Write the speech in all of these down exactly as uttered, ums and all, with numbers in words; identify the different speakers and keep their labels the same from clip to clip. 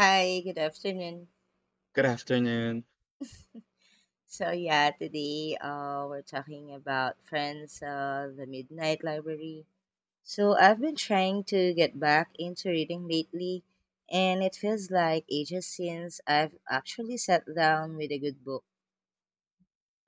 Speaker 1: Hi, good afternoon.
Speaker 2: Good afternoon.
Speaker 1: So yeah, today uh, we're talking about Friends, uh, the Midnight Library. So I've been trying to get back into reading lately, and it feels like ages since I've actually sat down with a good book.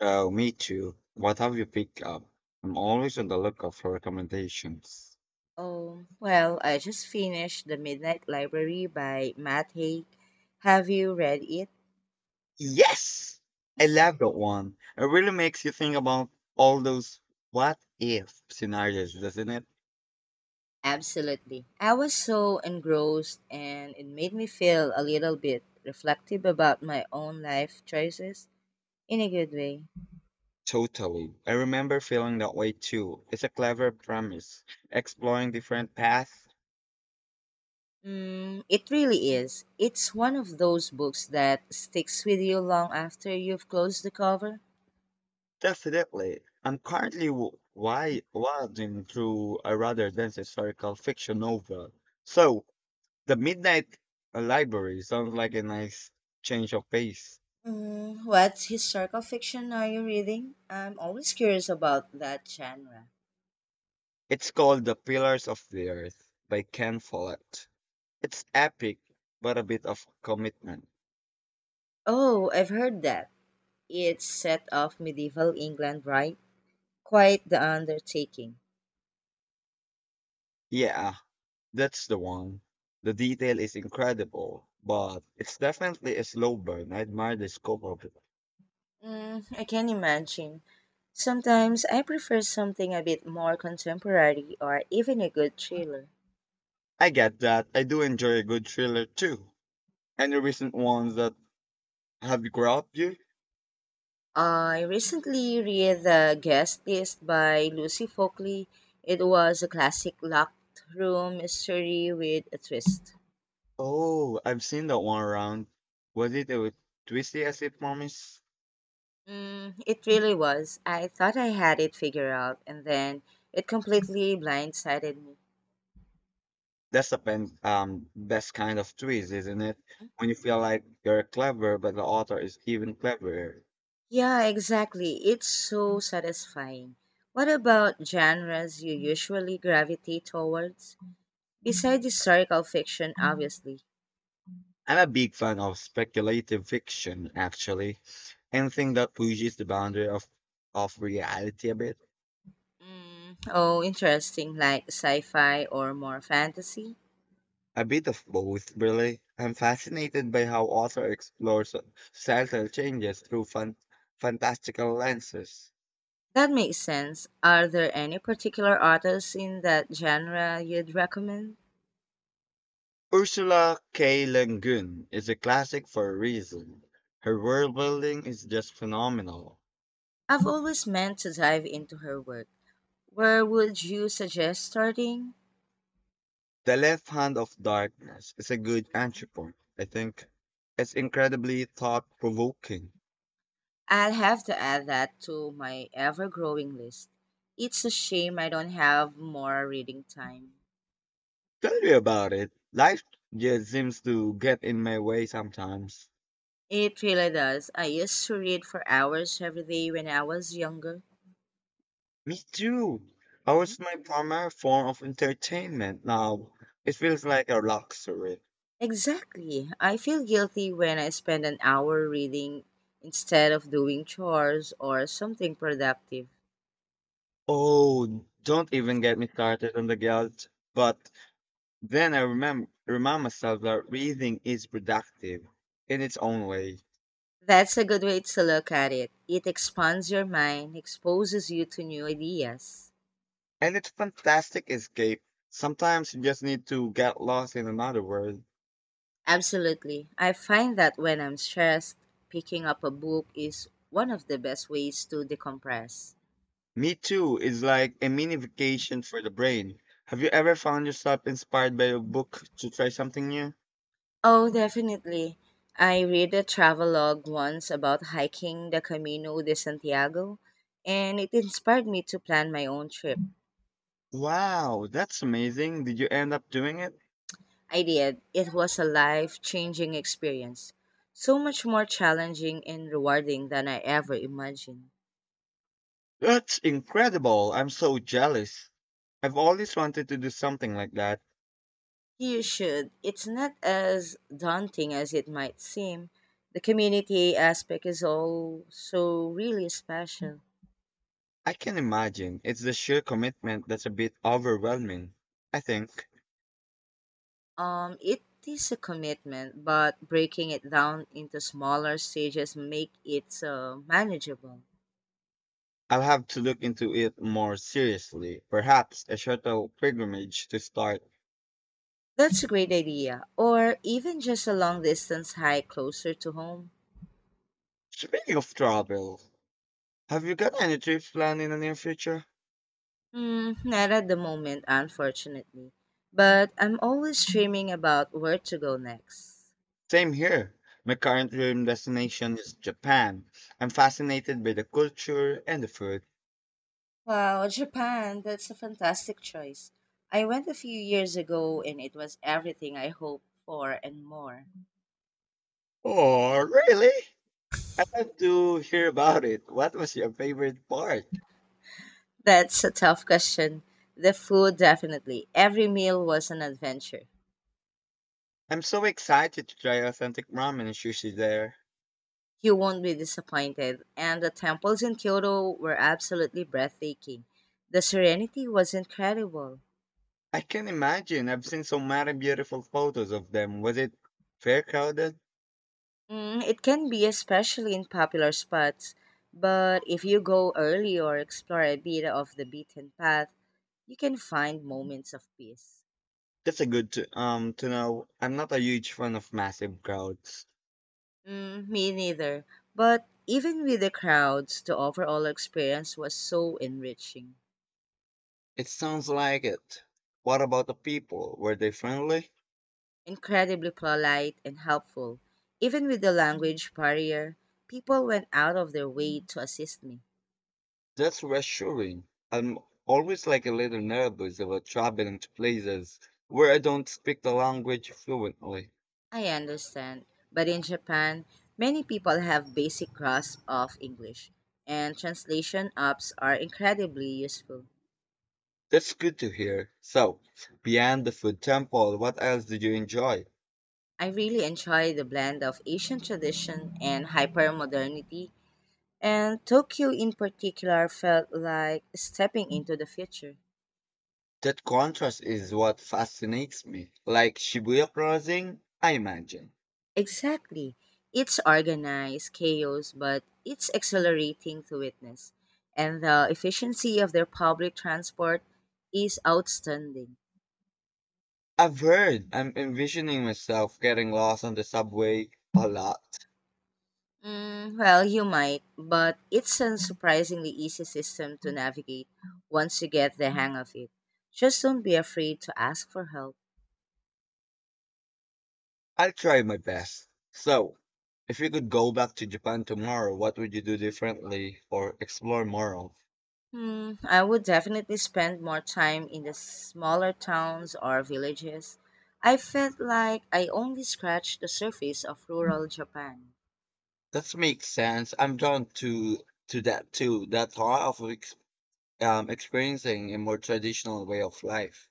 Speaker 2: Oh, me too. What have you picked up? I'm always on the lookout for recommendations.
Speaker 1: Oh, well, I just finished The Midnight Library by Matt Haig. Have you read it?
Speaker 2: Yes, I love that one. It really makes you think about all those what if scenarios, doesn't it?
Speaker 1: Absolutely. I was so engrossed, and it made me feel a little bit reflective about my own life choices. In a good way.
Speaker 2: Totally. I remember feeling that way too. It's a clever premise, exploring different paths.
Speaker 1: Mm, it really is. It's one of those books that sticks with you long after you've closed the cover.
Speaker 2: Definitely. I'm currently w- why wading through a rather dense historical fiction novel. So, The Midnight Library sounds like a nice change of pace.
Speaker 1: Mm, what historical fiction are you reading? I'm always curious about that genre.
Speaker 2: It's called The Pillars of the Earth by Ken Follett. It's epic, but a bit of commitment.
Speaker 1: Oh, I've heard that. It's set off medieval England, right? Quite the undertaking.
Speaker 2: Yeah, that's the one. The detail is incredible, but it's definitely a slow burn. I admire the scope of it.
Speaker 1: Mm, I can imagine. Sometimes I prefer something a bit more contemporary or even a good thriller.
Speaker 2: I get that. I do enjoy a good thriller too. Any recent ones that have grabbed you?
Speaker 1: I recently read The Guest List by Lucy Folkley. It was a classic locked room mystery with a twist.
Speaker 2: Oh, I've seen that one around. Was it a twisty as it promised?
Speaker 1: Mm, it really was. I thought I had it figured out, and then it completely blindsided me.
Speaker 2: That's the pen, um, best kind of twist, isn't it? When you feel like you're clever, but the author is even cleverer.
Speaker 1: Yeah, exactly. It's so satisfying. What about genres you usually gravitate towards? Besides historical fiction, obviously.
Speaker 2: I'm a big fan of speculative fiction, actually. Anything that pushes the boundary of, of reality a bit.
Speaker 1: Mm, oh, interesting, like sci fi or more fantasy?
Speaker 2: A bit of both, really. I'm fascinated by how author explores societal changes through fan, fantastical lenses.
Speaker 1: That makes sense. Are there any particular authors in that genre you'd recommend?
Speaker 2: Ursula K. Le Guin is a classic for a reason. Her world building is just phenomenal.
Speaker 1: I've always meant to dive into her work. Where would you suggest starting?
Speaker 2: The Left Hand of Darkness is a good entry point, I think. It's incredibly thought provoking.
Speaker 1: I'll have to add that to my ever growing list. It's a shame I don't have more reading time.
Speaker 2: Tell me about it. Life just seems to get in my way sometimes.
Speaker 1: It really does. I used to read for hours every day when I was younger.
Speaker 2: Me too. I
Speaker 1: Mhm.
Speaker 2: was my primary form of entertainment now? It feels like a luxury.
Speaker 1: Exactly. I feel guilty when I spend an hour reading instead of doing chores or something productive.
Speaker 2: Oh, don't even get me started on the guilt. But then I remember, remind myself that reading is productive in its own way.
Speaker 1: That's a good way to look at it. It expands your mind, exposes you to new ideas.
Speaker 2: And it's fantastic escape. Sometimes you just need to get lost in another world.
Speaker 1: Absolutely. I find that when I'm stressed, picking up a book is one of the best ways to decompress.
Speaker 2: Me Too is like a mini vacation for the brain. Have you ever found yourself inspired by a book to try something new?
Speaker 1: Oh, definitely. I read a travelogue once about hiking the Camino de Santiago, and it inspired me to plan my own trip.
Speaker 2: Wow, that's amazing. Did you end up doing it?
Speaker 1: I did. It was a life changing experience. So much more challenging and rewarding than I ever imagined.
Speaker 2: That's incredible. I'm so jealous. I've always wanted to do something like that.
Speaker 1: You should. It's not as daunting as it might seem. The community aspect is also really special.
Speaker 2: I can imagine. It's the sheer commitment that's a bit overwhelming, I think.
Speaker 1: Um, it is a commitment, but breaking it down into smaller stages make it uh, manageable.
Speaker 2: I'll have to look into it more seriously. Perhaps a shuttle pilgrimage to start.
Speaker 1: That's a great idea. Or even just a long distance hike closer to home.
Speaker 2: Speaking of travel, have you got any trips planned in the near future?
Speaker 1: Mm, not at the moment, unfortunately. But I'm always dreaming about where to go next.
Speaker 2: Same here. My current dream destination is Japan. I'm fascinated by the culture and the food.
Speaker 1: Wow, Japan, that's a fantastic choice. I went a few years ago and it was everything I hoped for and more.
Speaker 2: Oh, really? I'd love to hear about it. What was your favorite part?
Speaker 1: That's a tough question. The food, definitely. Every meal was an adventure.
Speaker 2: I'm so excited to try authentic ramen and sushi there.
Speaker 1: You won't be disappointed. And the temples in Kyoto were absolutely breathtaking. The serenity was incredible.
Speaker 2: I can imagine. I've seen so many beautiful photos of them. Was it fair crowded?
Speaker 1: Mm, it can be especially in popular spots, but if you go early or explore a bit of the beaten path, you can find moments of peace.
Speaker 2: That's a good to, um to know. I'm not a huge fan of massive crowds.
Speaker 1: Mm, me neither. But even with the crowds, the overall experience was so enriching,
Speaker 2: It sounds like it. What about the people? Were they friendly?
Speaker 1: incredibly polite and helpful. Even with the language barrier, people went out of their way to assist me.
Speaker 2: That's reassuring. I'm always like a little nervous about traveling to places where I don't speak the language fluently.
Speaker 1: I understand. But in Japan, many people have basic grasp of English, and translation apps are incredibly useful.
Speaker 2: That's good to hear. So, beyond the food temple, what else did you enjoy?
Speaker 1: I really enjoy the blend of Asian tradition and hypermodernity, and Tokyo in particular felt like stepping into the future.
Speaker 2: That contrast is what fascinates me. Like Shibuya Crossing, I imagine.
Speaker 1: Exactly. It's organized chaos, but it's exhilarating to witness. And the efficiency of their public transport is outstanding.
Speaker 2: I've heard. I'm envisioning myself getting lost on the subway a lot.
Speaker 1: Mm, well, you might, but it's a surprisingly easy system to navigate once you get the hang of it. Just don't be afraid to ask for help.
Speaker 2: I'll try my best. So, if you could go back to Japan tomorrow, what would you do differently or explore more of?
Speaker 1: Hmm, I would definitely spend more time in the smaller towns or villages. I felt like I only scratched the surface of rural Japan.
Speaker 2: That makes sense. I'm drawn to to that too. That thought of ex- um, experiencing a more traditional way of life.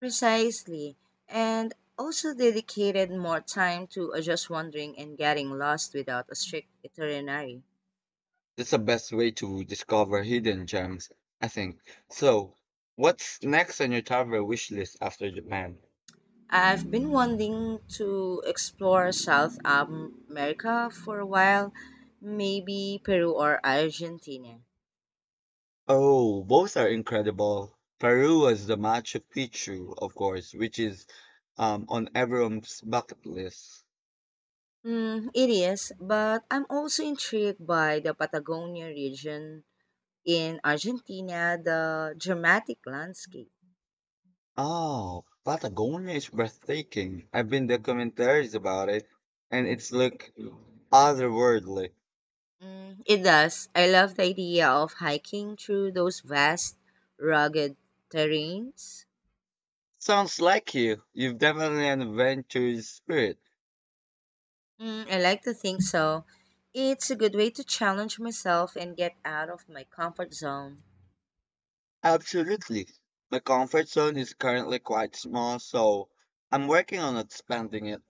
Speaker 1: Precisely, and also dedicated more time to uh, just wandering and getting lost without a strict itinerary.
Speaker 2: That's the best way to discover hidden gems, I think. So, what's next on your travel wish list after Japan?
Speaker 1: I've been wanting to explore South Am- America for a while, maybe Peru or Argentina.
Speaker 2: Oh, both are incredible. Peru was the Machu Picchu, of course, which is um, on everyone's bucket list.
Speaker 1: Mm, it is, but I'm also intrigued by the Patagonia region in Argentina, the dramatic landscape.
Speaker 2: Oh, Patagonia is breathtaking. I've been documentaries about it, and it's look otherworldly.
Speaker 1: Mm, it does. I love the idea of hiking through those vast, rugged terrains.
Speaker 2: Sounds like you. You've definitely an adventurous spirit.
Speaker 1: Mm, I like to think so. It's a good way to challenge myself and get out of my comfort zone.
Speaker 2: Absolutely. My comfort zone is currently quite small, so I'm working on expanding it.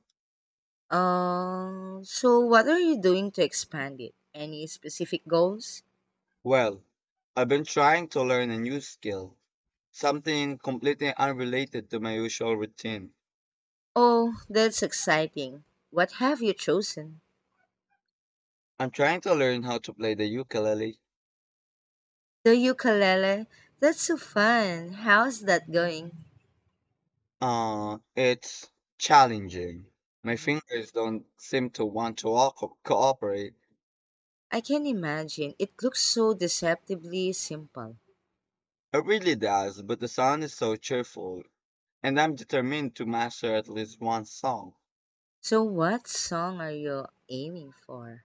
Speaker 1: Um, so what are you doing to expand it? Any specific goals?
Speaker 2: Well, I've been trying to learn a new skill. Something completely unrelated to my usual routine.
Speaker 1: Oh, that's exciting. What have you chosen?
Speaker 2: I'm trying to learn how to play the ukulele.
Speaker 1: The ukulele? That's so fun. How's that going?
Speaker 2: Uh, it's challenging. My
Speaker 1: Mhm.
Speaker 2: fingers don't seem to want to all- cooperate.
Speaker 1: I can imagine. It looks so deceptively simple.
Speaker 2: It really does, but the sound is so cheerful, and I'm determined to master at least one song.
Speaker 1: So, what song are you aiming for?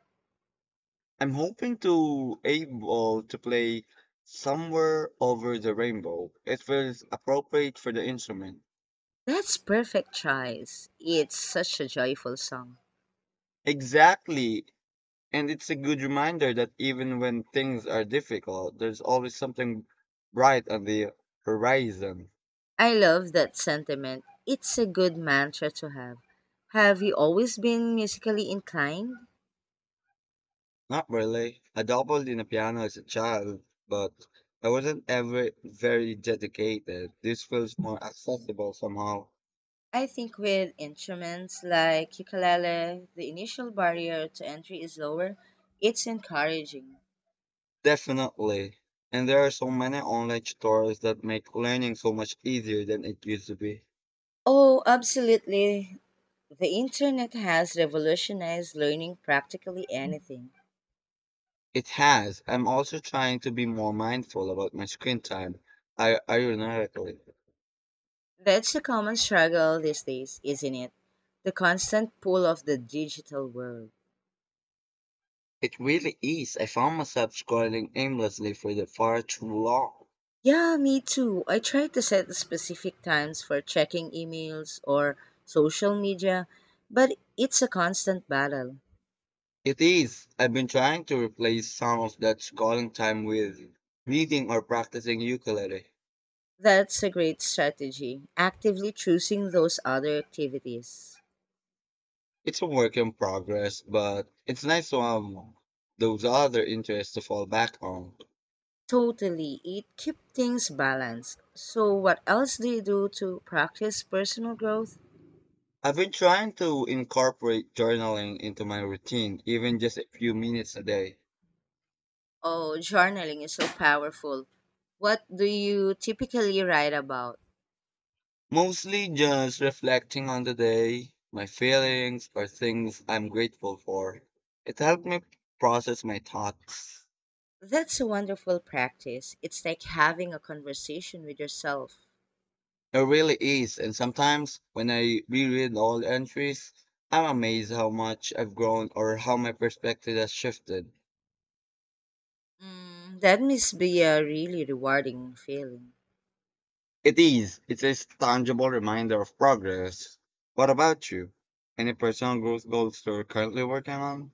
Speaker 2: I'm hoping to able to play Somewhere Over the Rainbow. It feels appropriate for the instrument.
Speaker 1: That's perfect choice. It's such a joyful song.
Speaker 2: Exactly. And it's a good reminder that even when things are difficult, there's always something bright on the horizon.
Speaker 1: I love that sentiment. It's a good mantra to have. Have you always been musically inclined?
Speaker 2: Not really. I dabbled in the piano as a child, but I wasn't ever very dedicated. This feels more accessible somehow.
Speaker 1: I think with instruments like ukulele, the initial barrier to entry is lower. It's encouraging.
Speaker 2: Definitely. And there are so many online tutorials that make learning so much easier than it used to be.
Speaker 1: Oh, absolutely. The internet has revolutionized learning practically anything.
Speaker 2: It has. I'm also trying to be more mindful about my screen time, I ironically.
Speaker 1: That's a common struggle these days, isn't it? The constant pull of the digital world.
Speaker 2: It really is. I found myself scrolling aimlessly for the far too long.
Speaker 1: Yeah, me too. I try to set specific times for checking emails or social media, but it's a constant battle.
Speaker 2: It is. I've been trying to replace some of that scrolling time with reading or practicing ukulele.
Speaker 1: That's a great strategy, actively choosing those other activities.
Speaker 2: It's a work in progress, but it's nice to have those other interests to fall back on.
Speaker 1: Totally, it keeps things balanced. So, what else do you do to practice personal growth?
Speaker 2: I've been trying to incorporate journaling into my routine, even just a few minutes a day.
Speaker 1: Oh, journaling is so powerful. What do you typically write about?
Speaker 2: Mostly just reflecting on the day, my feelings, or things I'm grateful for. It helped me process my thoughts.
Speaker 1: That's a wonderful practice. It's like having a conversation with yourself.
Speaker 2: It really is, and sometimes when I reread old entries, I'm amazed how much I've grown or how my perspective has shifted.
Speaker 1: Mm, that must be a really rewarding feeling.
Speaker 2: It is, it's a tangible reminder of progress. What about you? Any personal growth goals you're currently working on?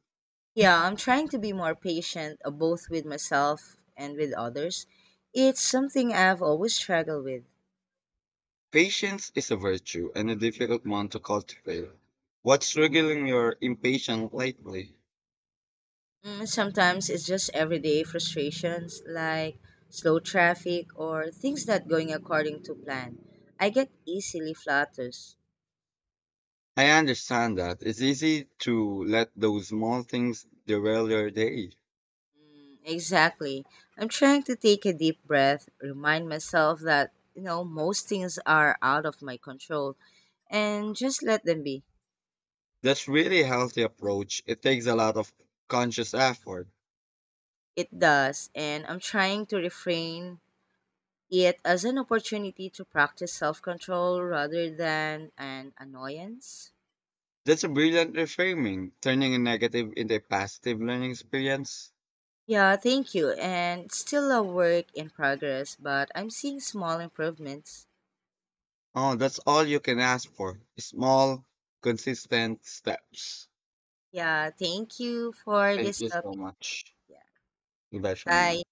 Speaker 1: Yeah, I'm trying to be more patient, uh, both with myself and with others. It's something I've always struggled with.
Speaker 2: Patience is a virtue and a difficult one to cultivate. What's triggering your impatience lately?
Speaker 1: Mm, sometimes it's just everyday frustrations like slow traffic or things not going according to plan. I get easily flutters.
Speaker 2: I understand that. It's easy to let those small things derail your day.
Speaker 1: Exactly. I'm trying to take a deep breath, remind myself that, you know, most things are out of my control, and just let them be.
Speaker 2: That's really healthy approach. It takes a lot of conscious effort.
Speaker 1: It does, and I'm trying to refrain it as an opportunity to practice self control rather than an annoyance.
Speaker 2: That's a brilliant reframing, turning a negative into a positive learning experience.
Speaker 1: Yeah, thank you. And it's still a work in progress, but I'm seeing small improvements.
Speaker 2: Oh, that's all you can ask for. Small, consistent steps.
Speaker 1: Yeah, thank you for
Speaker 2: Thank
Speaker 1: this
Speaker 2: you so
Speaker 1: topic.
Speaker 2: much.
Speaker 1: Yeah.
Speaker 2: Goodbye for
Speaker 1: Bye.
Speaker 2: now.